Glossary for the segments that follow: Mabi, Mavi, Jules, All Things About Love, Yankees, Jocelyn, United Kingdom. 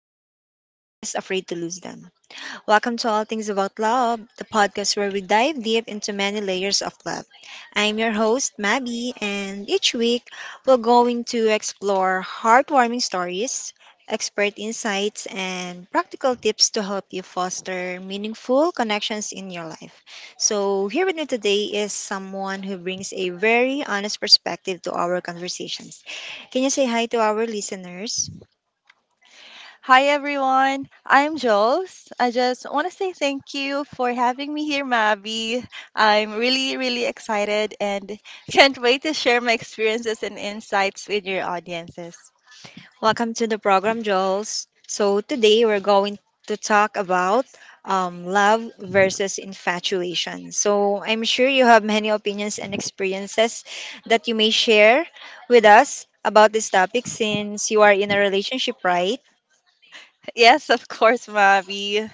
Or am I just afraid to lose them? Welcome to All Things About Love, the podcast where we dive deep into many layers of love. I'm your host, Mabi, and each week we're going to explore heartwarming stories, expert insights, and practical tips to help you foster meaningful connections in your life. So, here with me today is someone who brings a very honest perspective to our conversations. Can you say hi to our listeners? Hi everyone, I'm Jules. I just want to say thank you for having me here, Mavi. I'm really, really excited and can't wait to share my experiences and insights with your audiences. Welcome to the program, Jules. So, today we're going to talk about love versus infatuation. So, I'm sure you have many opinions and experiences that you may share with us about this topic since you are in a relationship, right? Yes, of course, Mavi.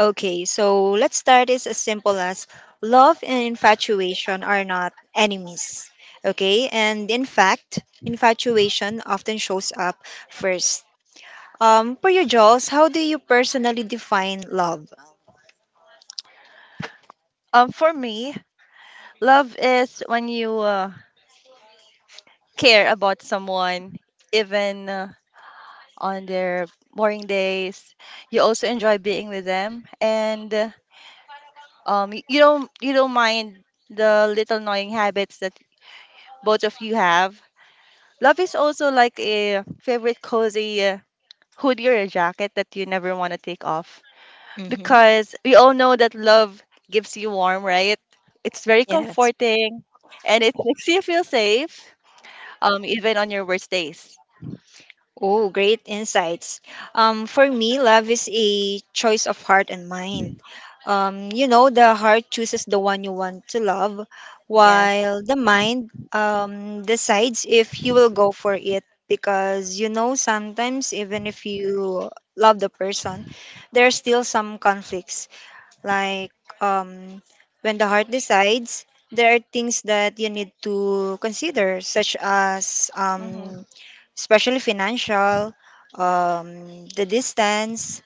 Okay, so let's start is as simple as love and infatuation are not enemies. Okay, and in fact, infatuation often shows up first. For you, Jules, how do you personally define love? For me, love is when you care about someone, even on their boring days. You also enjoy being with them, and you don't mind the little annoying habits that both of you have. Love is also like a favorite cozy hoodie or a jacket that you never want to take off Mm-hmm. because we all know that love gives you warm, right? It's very Yes. comforting and it makes you feel safe, even on your worst days. Oh, great insights. For me, love is a choice of heart and mind. You know, the heart chooses the one you want to love, Yes. while the mind decides if you will go for it. Because, you know, sometimes even if you love the person, there's still some conflicts like um, when the heart decides, there are things that you need to consider, such as hmm especially financial, the distance,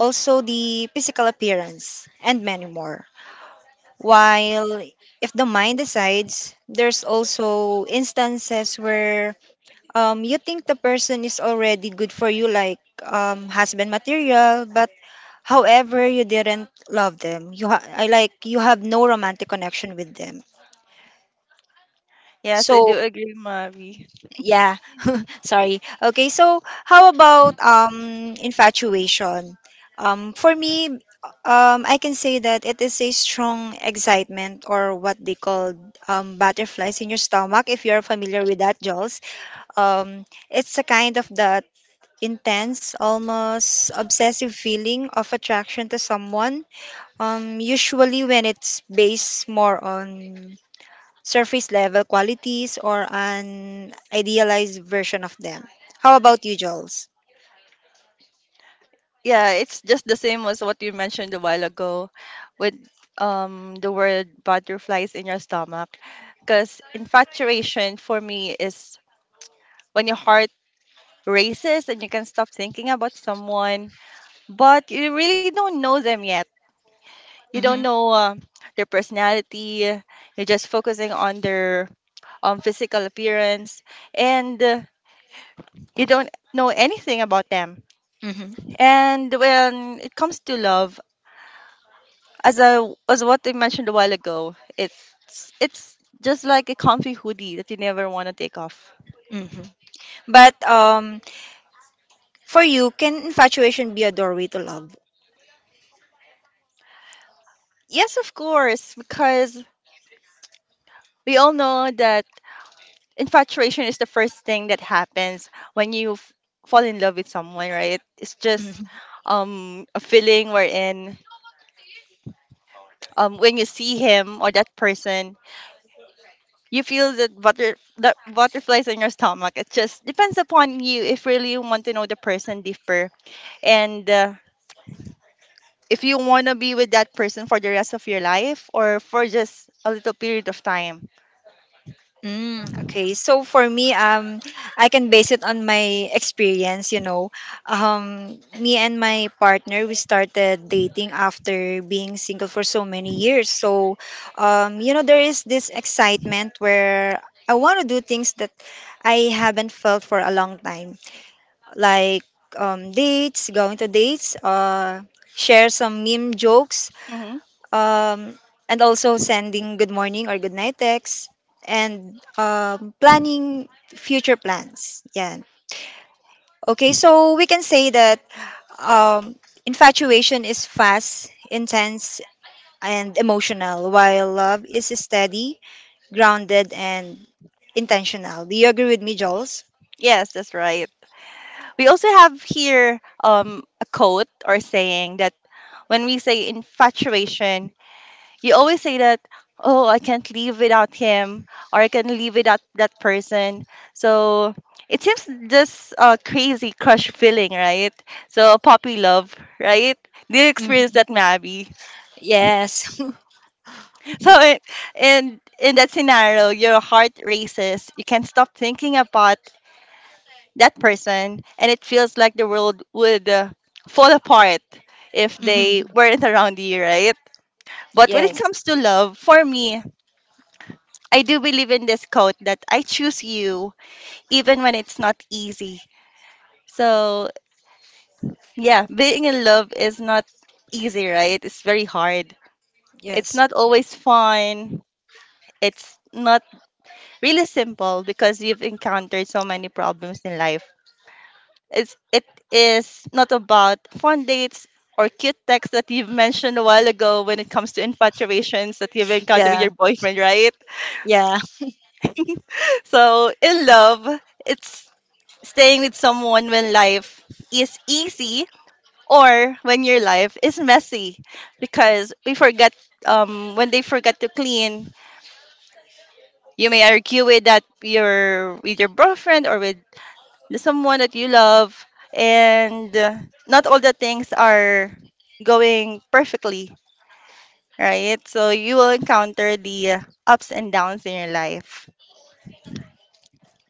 also the physical appearance, and many more. While if the mind decides, there's also instances where you think the person is already good for you, like husband material, but however, you didn't love them. I like you have no romantic connection with them. Yes, I So do agree, Mavi. yeah, sorry. Okay, so how about infatuation? For me, I can say that it is a strong excitement or what they call butterflies in your stomach. If you're familiar with that, Jules, um, it's a kind of that intense, almost obsessive feeling of attraction to someone. Usually when it's based more on surface level qualities or an idealized version of them. How about you, Jules? Yeah, it's just the same as what you mentioned a while ago with, the word butterflies in your stomach, because infatuation for me is when your heart races and you can stop thinking about someone, but you really don't know them yet. You don't Mm-hmm, know their personality. You're just focusing on their, physical appearance, and you don't know anything about them. mm-hmm, And when it comes to love, as what I mentioned a while ago, it's just like a comfy hoodie that you never want to take off. mm-hmm. But for you, can infatuation be a doorway to love? Yes, of course, because we all know that infatuation is the first thing that happens when you fall in love with someone, right? It's just, a feeling wherein, when you see him or that person, you feel that butterflies in your stomach. It just depends upon you if really you want to know the person deeper, and if you want to be with that person for the rest of your life or for just a little period of time. Mm, okay. So for me, I can base it on my experience. You know, me and my partner we started dating after being single for so many years. So, you know, there is this excitement where I want to do things that I haven't felt for a long time, like dates, going to dates, share some meme jokes, Hmm um, and also sending good morning or good night texts and planning future plans. Yeah. Okay, so we can say that um, infatuation is fast, intense, and emotional, while love is steady, grounded, and intentional. Do you agree with me, Jules? Yes, that's right. We also have here, a quote or saying that when we say infatuation, you always say that, oh, I can't live without him or I can't live without that person. So it seems just a crazy crush feeling, right? So puppy love, right? Do you experience Hmm. that, Mabi? Yes. So in— and in that scenario, your heart races. You can't stop thinking about that person, and it feels like the world would fall apart if they Hmm, weren't around you, right? But when it yes. comes to love, for me, I do believe in this quote that I choose you even when it's not easy. So yeah, being in love is not easy, right? It's very hard. It's Yes. not always fun. It's not really simple, because you've encountered so many problems in life. It is not about fun dates or cute texts that you've mentioned a while ago when it comes to infatuations that you've encountered with Yeah. your boyfriend, right? Yeah. So, in love, it's staying with someone when life is easy or when your life is messy, because we forget, when they forget to clean, you may argue with that your with your boyfriend or with someone that you love, and not all the things are going perfectly, right? So you will encounter the, ups and downs in your life.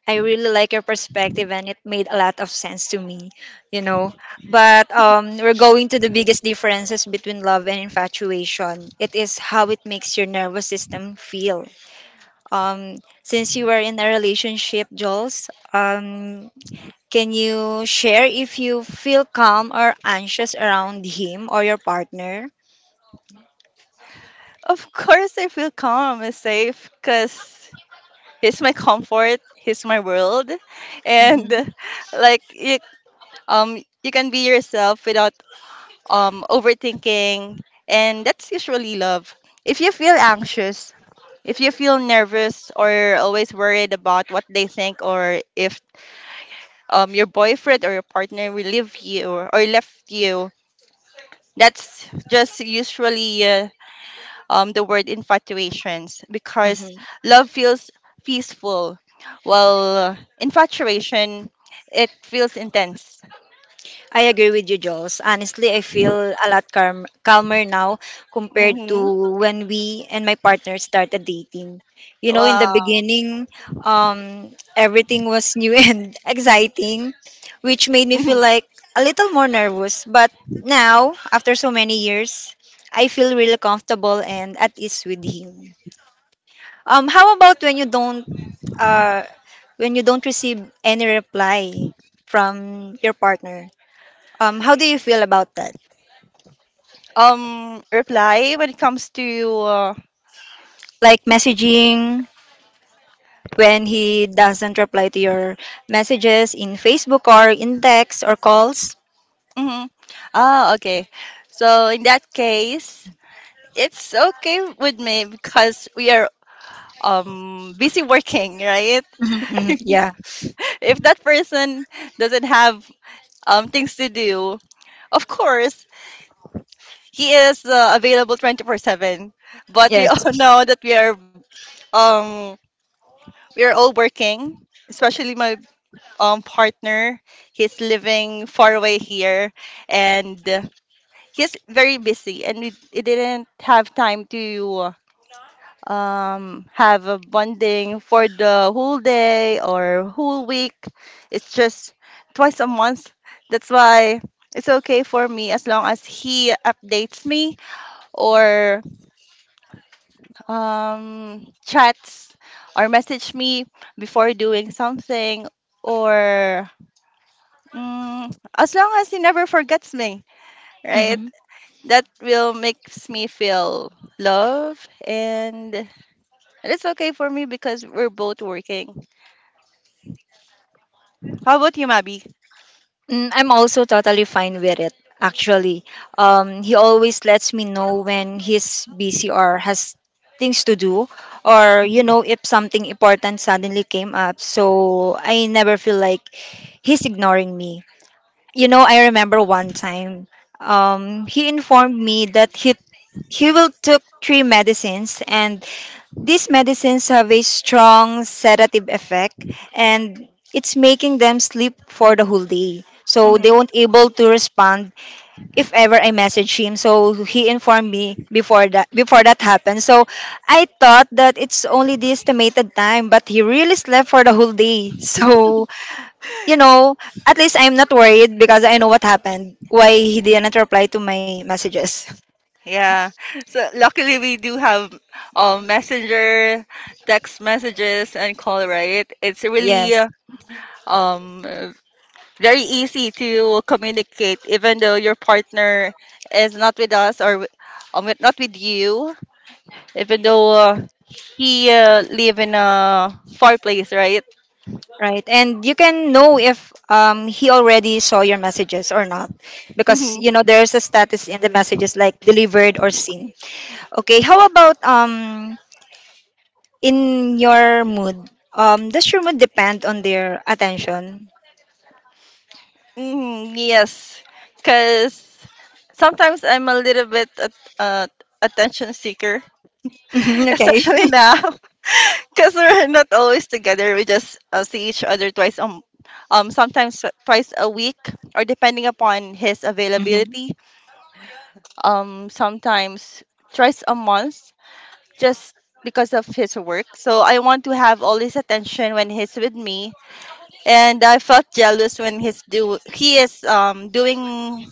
I really like your perspective and it made a lot of sense to me, you know. But we're going to the biggest differences between love and infatuation. It is how it makes your nervous system feel. Since you were in a relationship, Jules, um can you share if you feel calm or anxious around him or your partner? Of course, I feel calm and safe because he's my comfort, he's my world, and Mm-hmm. Like you, you can be yourself without, overthinking, and that's usually love. If you feel anxious, if you feel nervous or always worried about what they think, or if, your boyfriend or your partner will leave you, or left you, that's just usually the word infatuations, because Mm-hmm. love feels peaceful, while infatuation, it feels intense. I agree with you, Jules. Honestly, I feel a lot calmer now compared Hmm to when we and my partner started dating. You know, in the Wow. beginning, um, everything was new and exciting, which made me feel Mhm. like a little more nervous. But now, after so many years, I feel really comfortable and at ease with him. How about uh, when you don't receive any reply from your partner? How do you feel about that? Reply when it comes to. Uh, Like messaging when he doesn't reply to your messages in Facebook or in text or calls? mhm. Ah, okay. So in that case. It's okay with me because we are, busy working, right? Mhm, mhm, yeah. If that person doesn't have, things to do, of course he is, available 24/7. But we Yes. all know that we are, um all working, especially my, partner. He's living far away here, and he's very busy, and we didn't have time to, have a bonding for the whole day or whole week. It's just twice a month. That's why it's okay for me, as long as he updates me or, chats or message me before doing something, or as long as he never forgets me, right? Mm-hmm. That will makes me feel love, and it's okay for me because we're both working. How about you, Mabi? Mm, I'm also totally fine with it. Actually, he always lets me know when he's busy or has things to do, or you Hmm know, if something important suddenly came up. So I never feel like he's ignoring me. You know, I remember one time, he informed me that he will took three medicines, and these medicines have a strong sedative effect, and it's making them sleep for the whole day. So they hmm won't able to respond if ever I message him. So he informed me before that happened. So I thought that it's only the estimated time, but he really slept for the whole day. So you know, at least I'm not worried because I know what happened, why he didn't reply to my messages. Yeah. So luckily we do have, messenger, text messages, and call. Right? It's really Yes, um uh, very easy to communicate, even though your partner is not with us, or with— not with you, even though he live in a far place, right? right. And you can know if he already saw your messages or not because, Mm-hmm. you know, there's a status in the messages like delivered or seen. Okay, how about in your mood? Does your mood depend on their attention? Mm-hmm. Yes, because sometimes I'm a little bit at, attention seeker. Mhm, okay. Especially now, because we're not always together, we just see each other twice, sometimes twice a week, or depending upon his Mm-hmm. availability, sometimes twice a month, just because of his work. So I want to have all his attention when he's with me, and I felt jealous when he is, doing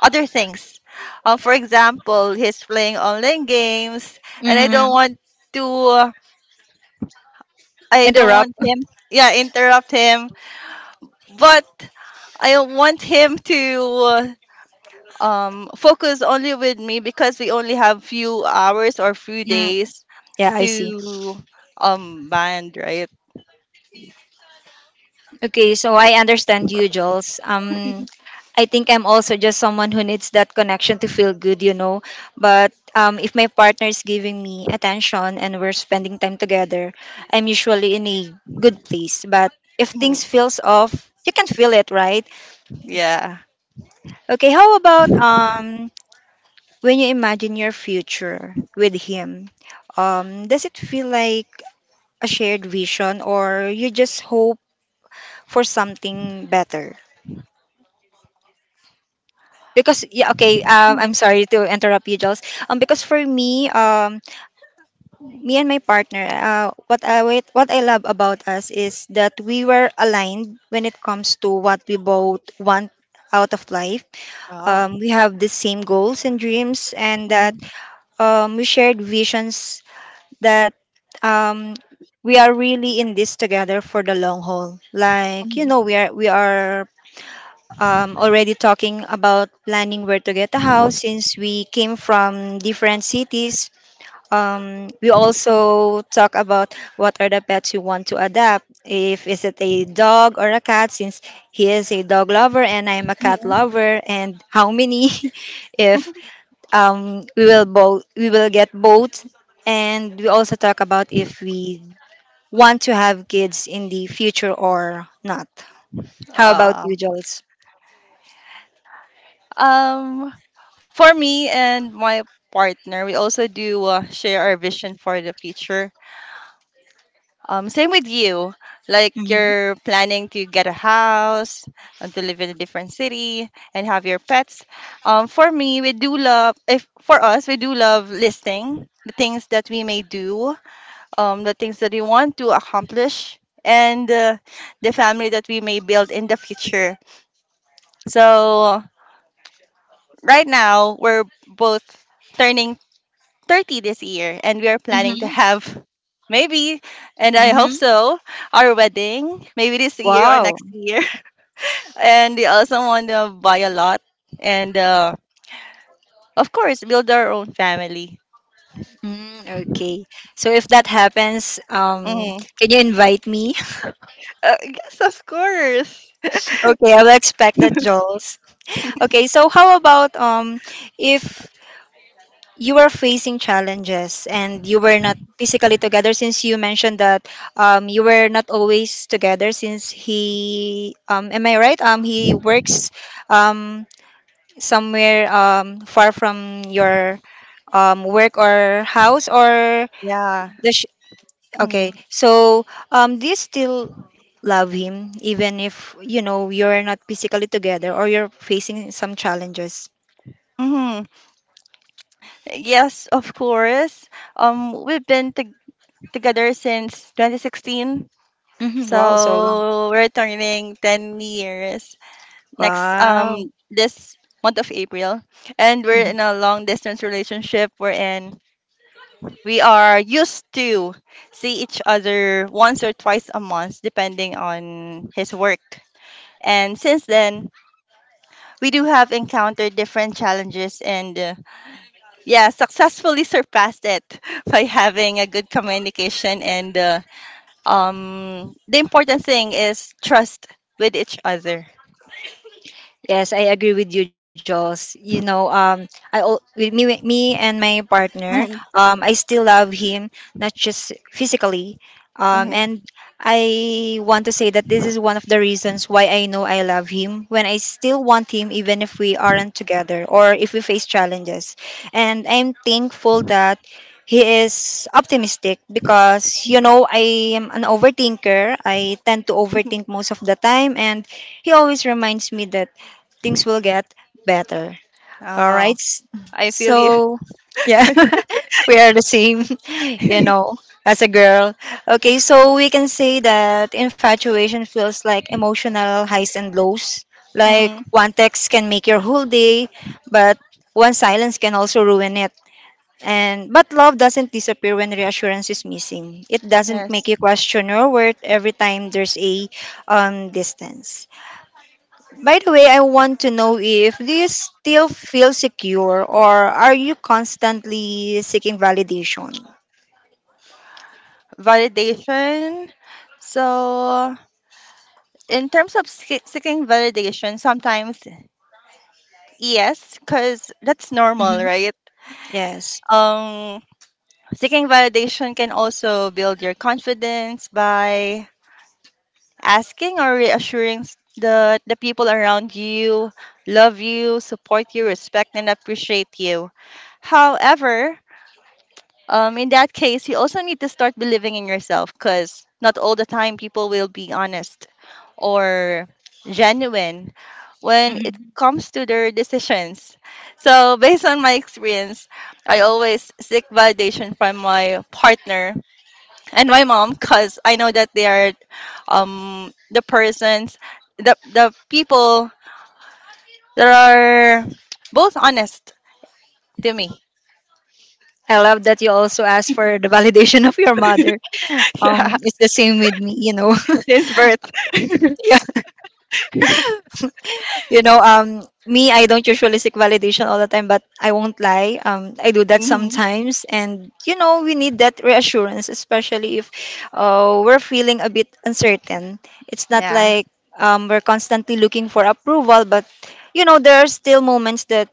other things. For example, he's playing online games and I don't Mm-hmm. want to— I don't Interrupt. want him, yeah, interrupt him. But I want him to focus only with me, because we only have few hours or few Mm, days yeah, I see. to, band, right? Okay, so I understand you, Jules. I think I'm also just someone who needs that connection to feel good, you know. But if my partner is giving me attention and we're spending time together, I'm usually in a good place. But if Mhm. things feels off, you can feel it, right? Yeah. Okay, how about when you imagine your future with him? Does it feel like a shared vision or you just hope for something better? Because yeah okay I'm Mhm. sorry to interrupt you, Jules, because for me me and my partner what I love about us is that we were aligned when it comes to what we both want out of life. Oh. We have the same goals and dreams, and that Mhm. We shared visions that um we are really in this together for the long haul, like you Mhm. know we are already talking about planning where to get a house since we came from different cities. We also talk about what are the pets you want to adopt. If is it a dog or a cat, since he is a dog lover and I'm a cat Mhm. lover, and how many? If we will get both. And we also talk about if we want to have kids in the future or not. How about you, Um, Jules? um, for me and my partner, we also do share our vision for the future. Same with you. Like Mm-hmm. you're planning to get a house and to live in a different city and have your pets. For me, we do love. If for us, we do love listing the things that we may do, the things that we want to accomplish, and the family that we may build in the future. So right now, we're both turning 30 this year, and we are planning to have maybe, and I hope Mm-hmm. so, our wedding maybe this year or Wow. next year. And we also want to buy a lot and, of course, build our own family. Mm, okay. So if that happens, Mm. can you invite me? Yes, of course. Okay, I will expect that, Jules. Okay. So how about if you are facing challenges and you were not physically together since you mentioned that you were not always together since he am I right? He works um, somewhere far from your work or house or Yeah. the. Okay, Mm. so do you still love him even if you know you're not physically together or you're facing some challenges? hmm Yes, of course. We've been together since 2016, Hmm, wow, so long. so we're turning 10 years next Wow. This month of April, and we're in Mm-hmm. a long distance relationship. We are used to see each other once or twice a month, depending on his work. And since then, we do have encountered different challenges, and, yeah, successfully surpassed it by having a good communication. And the important thing is trust with each other. Yes, I agree with you, Jules. You know, with me, and my partner, Mm-hmm. I still love him, not just physically, and I want to say that this is one of the reasons why I know I love him. When I still want him, even if we aren't together or if we face challenges, and I'm thankful that he is optimistic because you Mm-hmm. know I am an overthinker. I tend to overthink most of the time, and he always reminds me that things will get better. All Oh. right. I feel you. So, yeah, we are the same, you know, as a girl. Okay, so we can say that infatuation feels like emotional highs and lows. Like Mhm. one text can make your whole day, but one silence can also ruin it. And but love doesn't disappear when reassurance is missing. It doesn't make Yes. you question your worth every time there's a distance. By the way, I want to know if do you still feel secure or are you constantly seeking validation? Validation. So, in terms of seeking validation, sometimes yes, because that's normal, Hmm. right? Yes. Um, seeking validation can also build your confidence by asking or reassuring the people around you love you, support you, respect and appreciate you. However, in that case, you also need to start believing in yourself, because not all the time people will be honest or genuine when it Hmm. comes to their decisions. So, based on my experience, I always seek validation from my partner and my mom, because I know that they are, the persons, the people that are both honest to me. I love that you also asked for the validation of your mother. Yeah, It's the same with me, you know. since birth. You know, me, I don't usually seek validation all the time, but I won't lie. I do that Mhm. sometimes, and you know, we need that reassurance, especially if we're feeling a bit uncertain. It's not Yeah. like we're constantly looking for approval, but you know, there are still moments that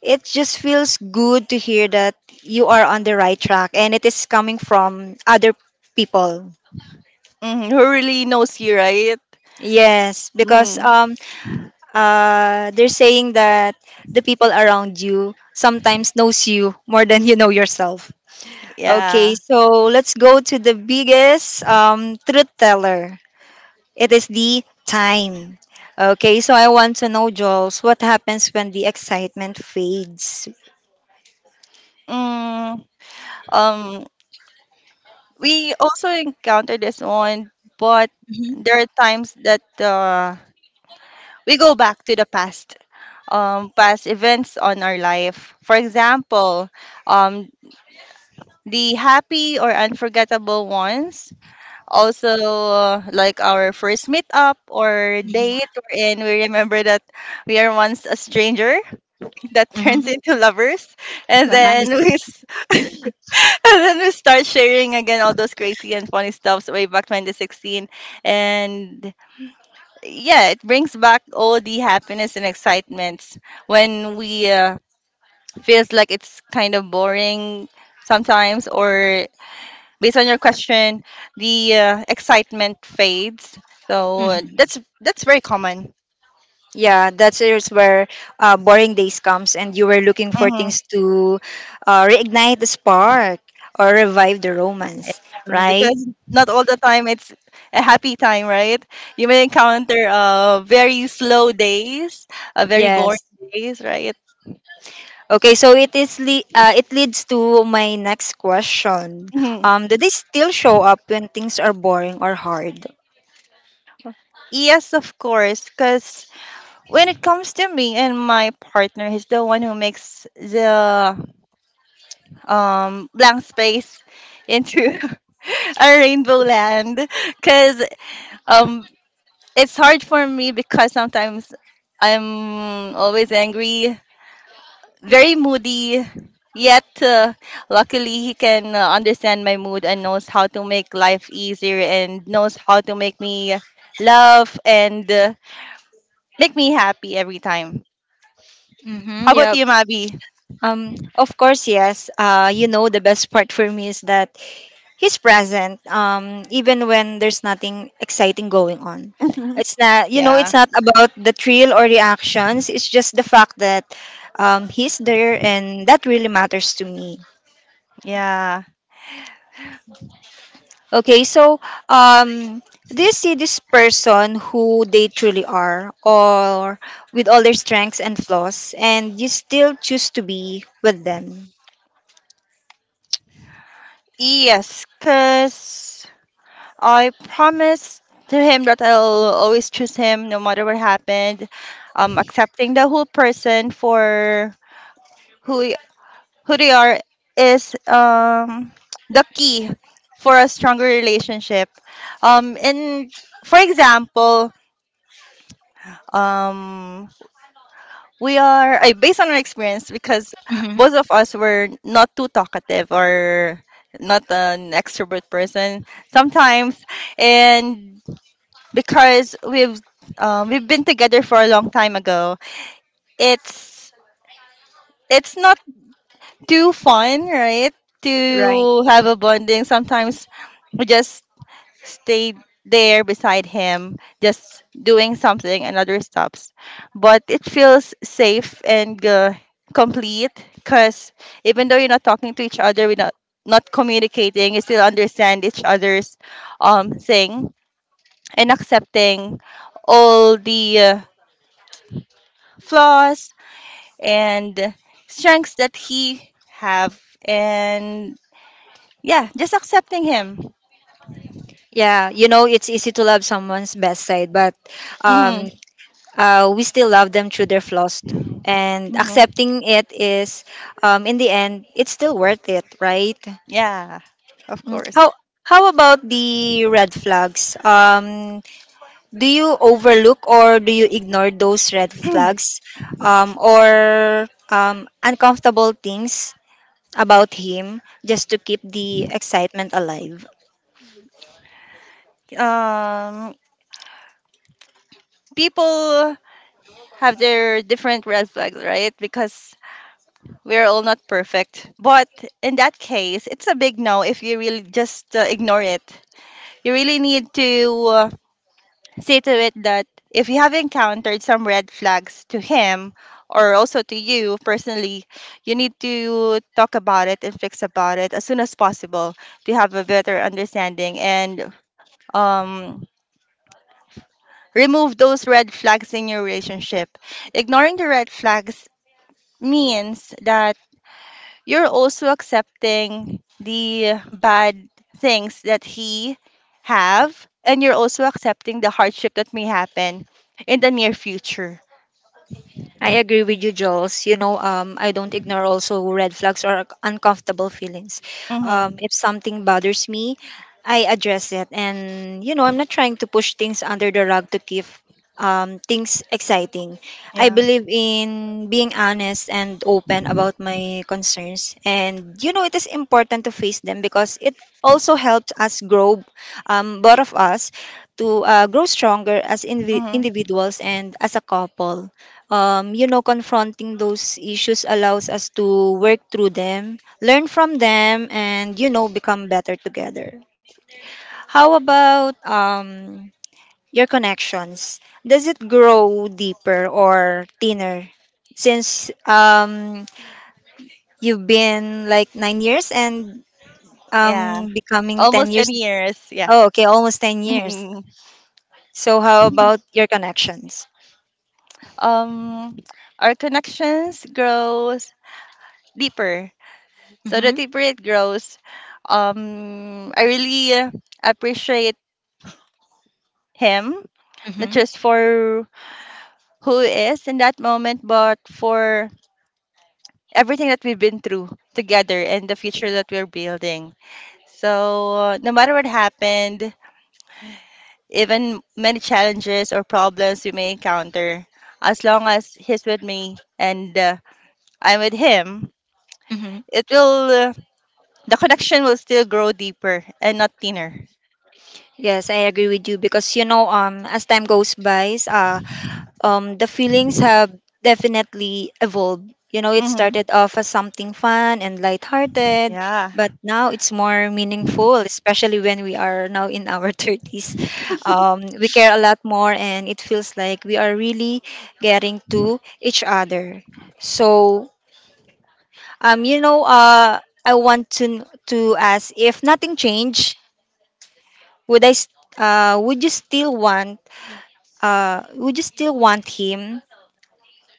it just feels good to hear that you are on the right track, and it is coming from other people. Mhm, who really knows you, right? Yes, because Mm, they're saying that the people around you sometimes knows you more than you know yourself. Okay, yeah. so let's go to the biggest truth teller. It is the time. Okay, so I want to know, Jules, what happens when the excitement fades? Mm, um, we also encounter this one, but Hmm. there are times that we go back to the past, past events on our life. For example, um, the happy or unforgettable ones. Also, like our first meetup or Hmm. date, wherein we remember that we are once a stranger that turns Hmm. into lovers. And Well, then nice. we and then we start sharing again all those crazy and funny stuffs way back 2016. And yeah, it brings back all the happiness and excitements when we feels like it's kind of boring sometimes, or based on your question, the, excitement fades. So hmm that's very common. Yeah, that's is where boring days comes, and you were looking for Mm-hmm. things to reignite the spark or revive the romance, Yeah, right? because not all the time it's a happy time, right? You may encounter, very slow days, very boring Yes. days, right? Okay, so it is it leads to my next question. Mhm. Do they still show up when things are boring or hard? Yes, of course, because when it comes to me and my partner, he's the one who makes the, blank space into a rainbow land. Because, um, it's hard for me because sometimes I'm always angry, very moody, yet luckily he can understand my mood and knows how to make life easier and knows how to make me laugh and make me happy every time. How Mm-hmm, about yep. you, Mabi? Of course, yes. The best part for me is that he's present, even when there's nothing exciting going on. It's not, Yeah. it's not about the thrill or reactions. It's just the fact that he's there, and that really matters to me. Yeah. Okay, so um, do you see this person who they truly are, or with all their strengths and flaws, and you still choose to be with them? Yes, because I promised to him that I'll always choose him no matter what happened. Accepting the whole person for who who they are is the key for a stronger relationship. And for example, um, we are I based on our experience because Mhm. both of us were not too talkative or not an extrovert person sometimes, and because we've been together for a long time ago, it's it's not too fun, right? Right. To have a bonding. Sometimes we just stayed there beside him, just doing something, and another stops. But it feels safe and complete because even though you're not talking to each other, we're not, not communicating, you still understand each other's thing and accepting all the flaws and strengths that he have. And yeah, just accepting him. Yeah, it's easy to love someone's best side, but um, Mhm. We still love them through their flaws too, and Mhm. In the end, it's still worth it, right? Yeah. Of Mm. course. How about the red flags? Do you overlook or do you ignore those red flags or uncomfortable things about him just to keep the excitement alive? um People have their different red flags, right? Because we're all not perfect. But in that case, it's a big no if you really just ignore it. You really need to say to it that if you have encountered some red flags to him or also to you personally, you need to talk about it and fix about it as soon as possible to have a better understanding and um, remove those red flags in your relationship. Ignoring the red flags means that you're also accepting the bad things that he have, and you're also accepting the hardship that may happen in the near future. I agree with you, Jules. I don't ignore also red flags or uncomfortable feelings. Mhm. If something bothers me, I address it, and I'm not trying to push things under the rug to keep things exciting. I Yeah. believe in being honest and open about my concerns, and it is important to face them because it also helps us grow, both of us, to grow stronger as Mhm. individuals and as a couple. Confronting those issues allows us to work through them, learn from them, and, become better together. How about your connections? Does it grow deeper or thinner since you've been like 9 years and Yeah. Becoming 10 Almost 10 years? years. Yeah. Oh, okay, almost 10 years. Mhm. So, how about your connections? Um, our connections grows deeper. So the Mm-hmm, deeper it grows, I really appreciate him not mm-hmm, just for who he is in that moment, but for everything that we've been through together and the future that we're building. So no matter what happened, even many challenges or problems we may encounter. As long as he's with me and I'm with him, mm-hmm. it will the connection will still grow deeper and not thinner. Yes, I agree with you because as time goes by, the feelings have definitely evolved. You know, it Mm-hmm. started off as something fun and lighthearted, Yeah. but now it's more meaningful, especially when we are now in our 30s. We care a lot more, and it feels like we are really getting to each other. So, um, you know, uh, I want to ask if nothing changed, would I, s- would you still want would you still want him?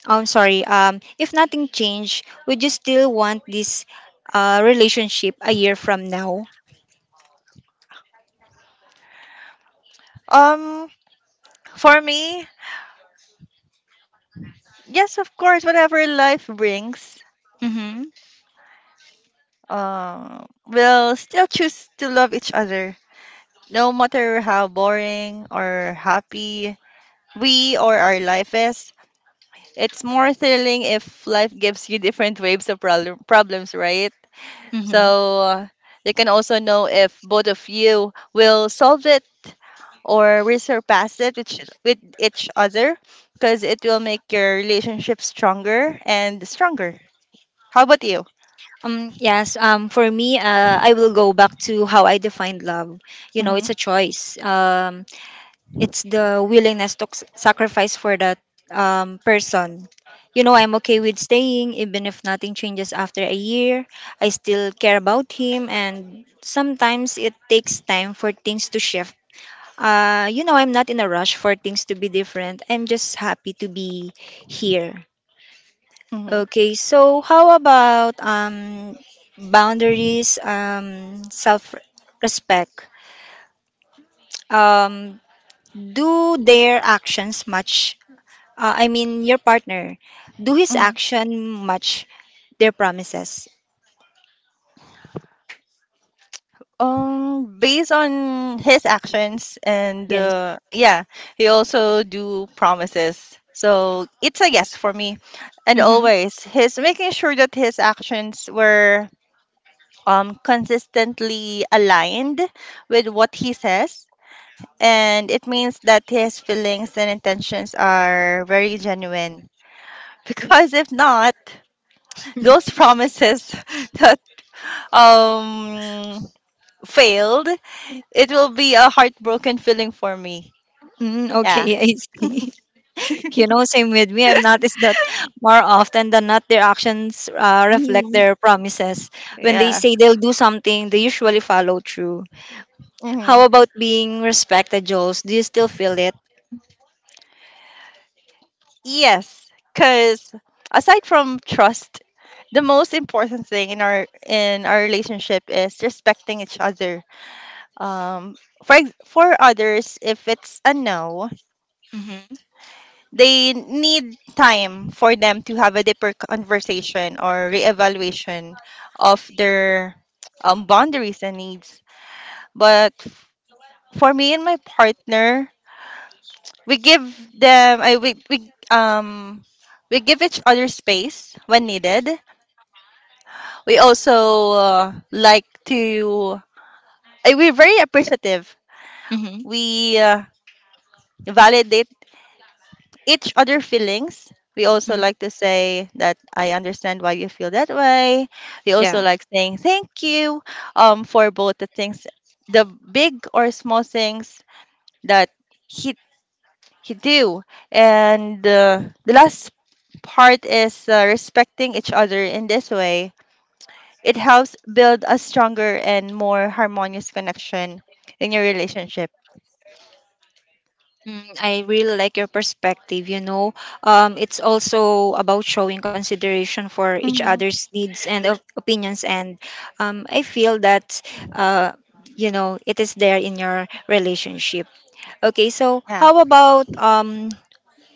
I'm sorry. If nothing changed, would you still want this relationship a year from now? Um, for me, yes, of course, whatever life brings, Mm-hmm. We'll still choose to love each other, no matter how boring or happy we or our life is. It's more thrilling if life gives you different waves of problems, right? Mm-hmm. So you can also know if both of you will solve it or will surpass it with each other, because it will make your relationship stronger and stronger. How about you? Yes. For me, I will go back to how I defined love. You know, it's Mm-hmm. a choice. It's the willingness to sacrifice for that person. You know, I'm okay with staying even if nothing changes after a year. I still care about him, and sometimes it takes time for things to shift. You know, I'm not in a rush for things to be different. I'm just happy to be here. Mm-hmm. Okay, so how about boundaries, self respect? Um, do their actions match I mean your partner, do his Mm-hmm. action match their promises? Based on his actions and Yes. Yeah, he also do promises. So it's a yes for me. And Mm-hmm. always he's making sure that his actions were consistently aligned with what he says. And it means that his feelings and intentions are very genuine. Because if not, those promises that um failed, it will be a heartbroken feeling for me. Mm, okay, Yeah. I see. You know, same with me. I've noticed that more often than not, their actions reflect Mhm. their promises. When they Yeah. say they'll do something, they usually follow through. How Hmm. about being respected, Jules? Do you still feel it? Yes, because aside from trust, the most important thing in our relationship is respecting each other. Um, for for others, if it's a no, Mm-hmm. they need time for them to have a deeper conversation or reevaluation of their boundaries and needs. But for me and my partner, we give them I we, we um we give each other space when needed. We also like to we're very appreciative. Mm-hmm. We validate each other feelings. We also Hmm. like to say that I understand why you feel that way. We also Yeah. like saying thank you for both the things, the big or small things that he he do, and the last part is respecting each other in this way. It helps build a stronger and more harmonious connection in your relationship. Mm, I really like your perspective, you know. It's also about showing consideration for each Hmm. other's needs and opinions. And I feel that, uh, it is there in your relationship. Okay, so Yeah. how about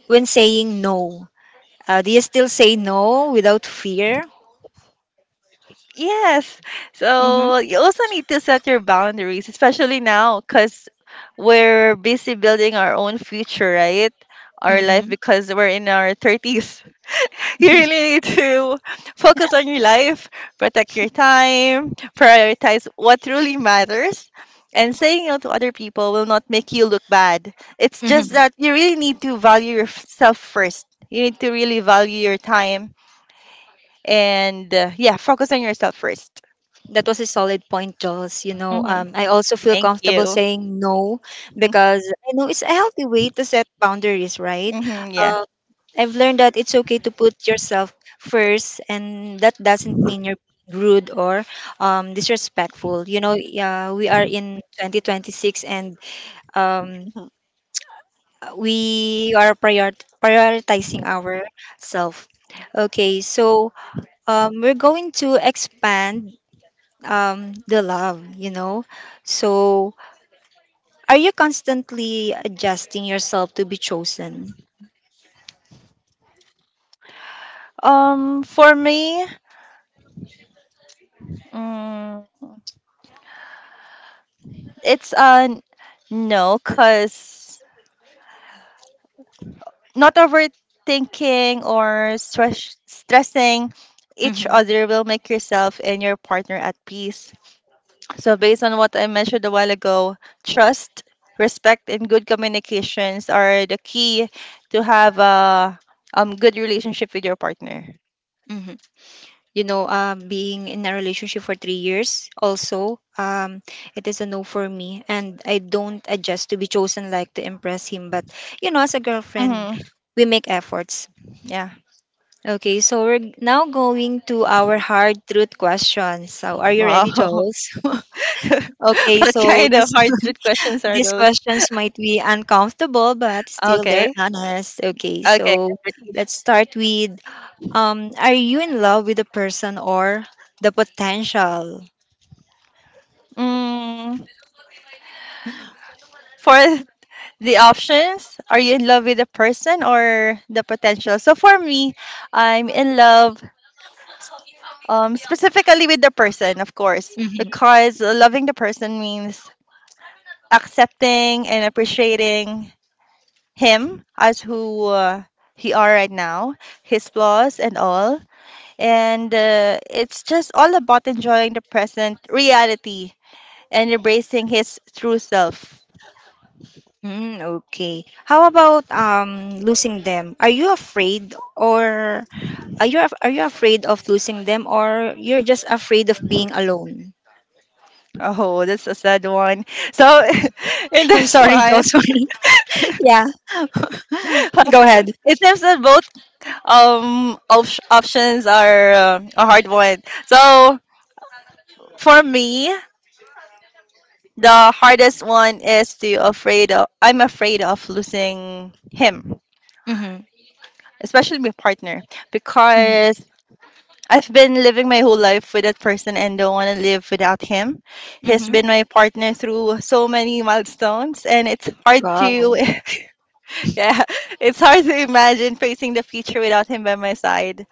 when saying no? Do you still say no without fear? Yes. Mm-hmm. So you also need to set your boundaries, especially now, because we're busy building our own future, right? Our life, Mm-hmm. because we're in our 30s. You really need to focus on your life, protect your time, prioritize what truly matters. And saying no to other people will not make you look bad. It's just Mm-hmm. that you really need to value yourself first. You need to really value your time and yeah, focus on yourself first. That was a solid point, Jules. Hmm. I also feel Thank comfortable you. saying no because I know it's a healthy way to set boundaries, right? Hmm, yeah. Um, I've learned that it's okay to put yourself first, and that doesn't mean you're rude or disrespectful. You know, yeah, we are in 2026 and um, Mhm. we are prioritizing our self. Okay, so we're going to expand the love, you know? So, are you constantly adjusting yourself to be chosen? For me, mm, it's a n- no, cause not overthinking or stressing each Hmm. other will make yourself and your partner at peace. So, based on what I mentioned a while ago, trust, respect, and good communications are the key to have a good relationship with your partner. Hmm. You know, being in a relationship for 3 years, also, it is a no for me. And I don't adjust to be chosen like to impress him. But, you know, as a girlfriend, Mm-hmm. we make efforts. Yeah. Okay, so we're now going to our hard truth question. So, are you ready, Wow. Jules? okay, What so kind of this hard truth questions are These those? questions might be uncomfortable, but still they're Okay. honest. Okay, Okay. so I'm ready. let's start with are you in love with the person or the potential? Mm, for the options are you in love with the person or the potential, so for me, I'm in love specifically with the person, of course, Mhm. because loving the person means accepting and appreciating him as who he are right now, his flaws and all, and it's just all about enjoying the present reality and embracing his true self. Mm, okay. How about losing them? Are you afraid or are you afraid of losing them or you're just afraid of being alone? Oh, that's a sad one. So in I'm this sorry, one, Jocelyn. Yeah. Go ahead. it seems that both options are a hard one. So for me, the hardest one is to afraid of. I'm afraid of losing him, Mm-hmm. especially my partner, Mm-hmm. because I've been living my whole life with that person and don't want to live without him. He's Mm-hmm. been my partner through so many milestones, and it's hard to Wow. yeah, it's hard to imagine facing the future without him by my side.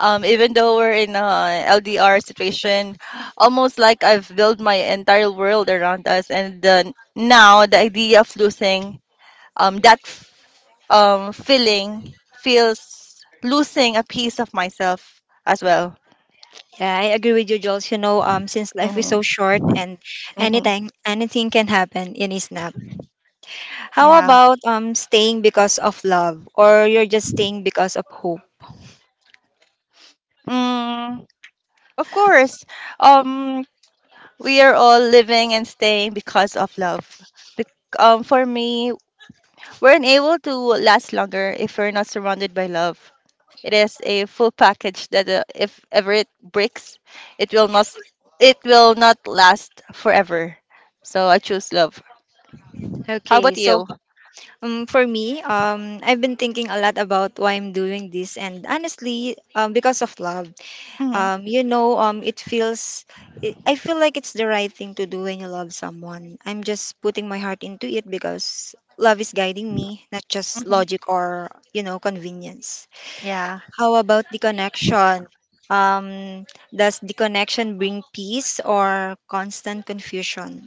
Um, even though we're in a LDR situation, almost like I've built my entire world around us. And then now the idea of losing um, that f- feeling feels losing a piece of myself as well. Yeah, I agree with you, Jules. Since life is so Mm-hmm. short and Mm-hmm. Anything can happen in a snap. How Yeah. about staying because of love or you're just staying because of hope? Mm, of course. Um, we are all living and staying because of love. Bec- for me, we're unable to last longer if we're not surrounded by love. It is a full package that if ever it breaks, it will not it will not last forever. So I choose love. How Okay, about so you? For me, I've been thinking a lot about why I'm doing this, and honestly, because of love. Hmm. You know, it feels I feel like it's the right thing to do when you love someone. I'm just putting my heart into it because love is guiding me, not just Hmm. logic or, you know, convenience. Yeah. How about the connection, um does the connection bring peace or constant confusion?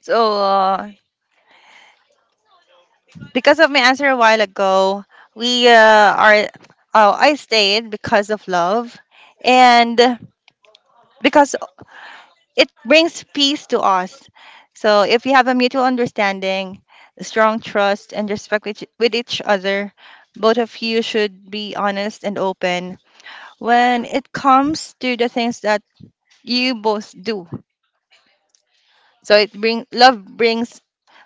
So because of my answer a while ago, we are. Oh, I stayed because of love, and because it brings peace to us. So if you have a mutual understanding, strong trust, and respect with with each other, both of you should be honest and open when it comes to the things that you both do. So it bring love brings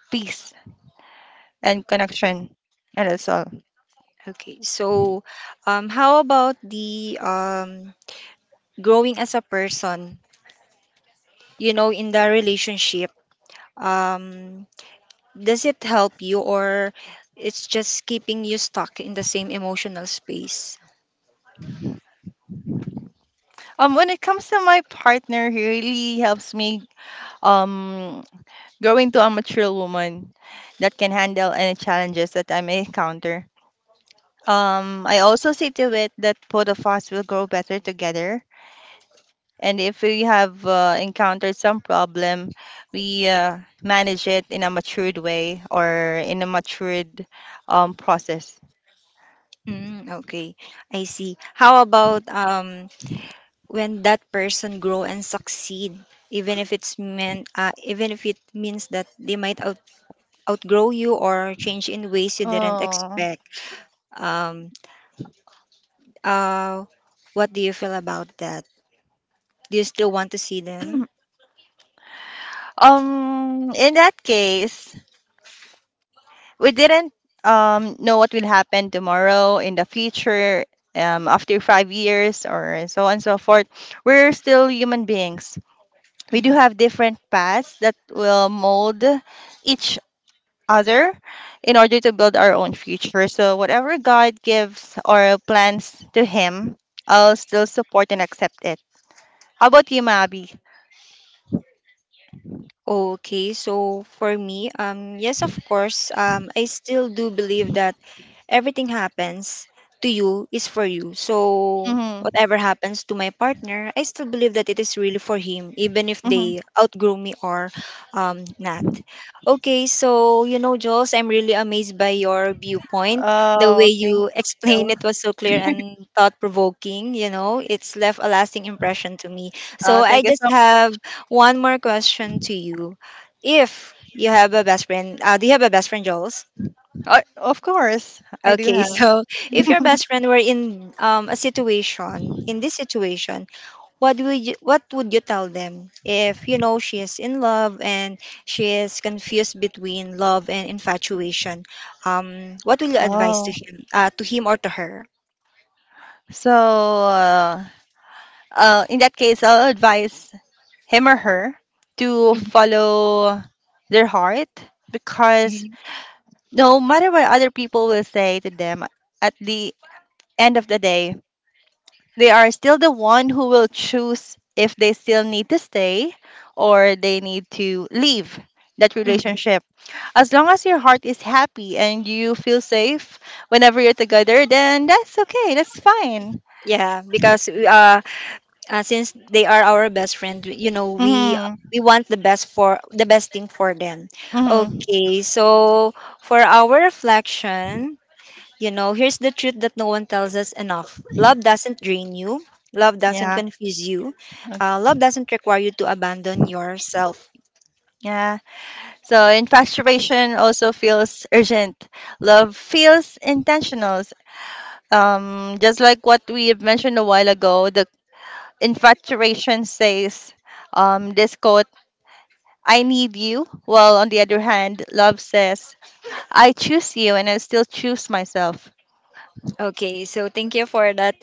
peace and connection. And that's all. Okay, so how about the, growing as a person, you know, in the relationship, um does it help you or it's just keeping you stuck in the same emotional space? When it comes to my partner, he really helps me um grow into a mature woman that can handle any challenges that I may encounter. I also see to it that both of us will grow better together. And if we have encountered some problem, we manage it in a matured way or in a matured process. Mm, okay, I see. How about when that person grow and succeed, even if it's even if it means that they might outgrow you or change in ways you didn't Oh. expect. Um, uh, what do you feel about that? Do you still want to see them? In that case, we didn't know what will happen tomorrow in the future, after 5 years or so on and so forth. We're still human beings. We do Mhm. have different paths that will mold each other in order to build our own future. So, whatever God gives or plans to Him, I'll still support and accept it. How about you, Mabi? Okay, so for me, yes, of course, I still do believe that everything happens to you is for you. So Mm-hmm. whatever happens to my partner, I still believe that it is really for him, even if Mm-hmm. they outgrow me or not. Okay, so you know, Jules, I'm really amazed by your viewpoint. The way Oh, thank you explained you. it was so clear and thought provoking. You know, it's left a lasting impression to me. Oh, So I thank you just so have one more question to you. If you have a best friend, do you have a best friend, Jules? much. Of course, I do Okay, have. so if your best friend were in a situation, in this situation, what would you tell them if you know she is in love and she is confused between love and infatuation? What will you advise Oh, to him or to her? so uh, in that case, I'll advise him or her to Mhm, follow their heart, because mhm, no matter what other people will say to them, at the end of the day, they are still the one who will choose if they still need to stay or they need to leave that mhm. relationship. As long as your heart is happy and you feel safe whenever you're together, then that's okay. That's fine. Yeah, because since they are our best friend, you know, Mhm. we want the best thing for them. Mhm. Okay, so for our reflection. You know, here's the truth that no one tells us enough. Love doesn't drain you. Love doesn't Yeah. confuse you. uh, Love doesn't require you to abandon yourself. Yeah. So infatuation also feels urgent. Love feels intentional. Just like what we have mentioned a while ago, the infatuation says, this quote, I need you. Well, on the other hand, love says, I choose you and I still choose myself. Okay, so thank you for that,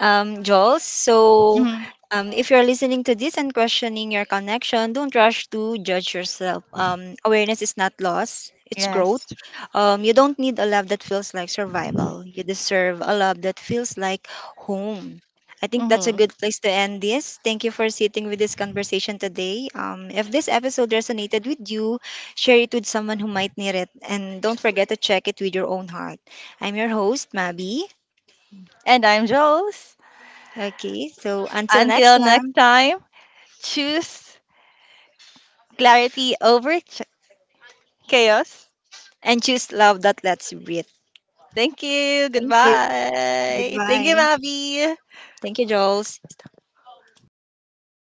Jules. So, Mhm. If you're listening to this and questioning your connection, don't rush to judge yourself. Awareness is not loss, it's growth. Yes. You don't need a love that feels like survival. You deserve a love that feels like home. I think that's a Hmm. good place to end this. Thank you for sitting with this conversation today. If this episode resonated with you, share it with someone who might need it. And don't forget to check it with your own heart. I'm your host, Mabi. And I'm Jules. Okay, so until next Until next time, time, choose clarity over chaos. and choose love that lets you breathe. Thank you. Thank you. Goodbye. Thank Goodbye. you, Mavi. Thank you, Joel.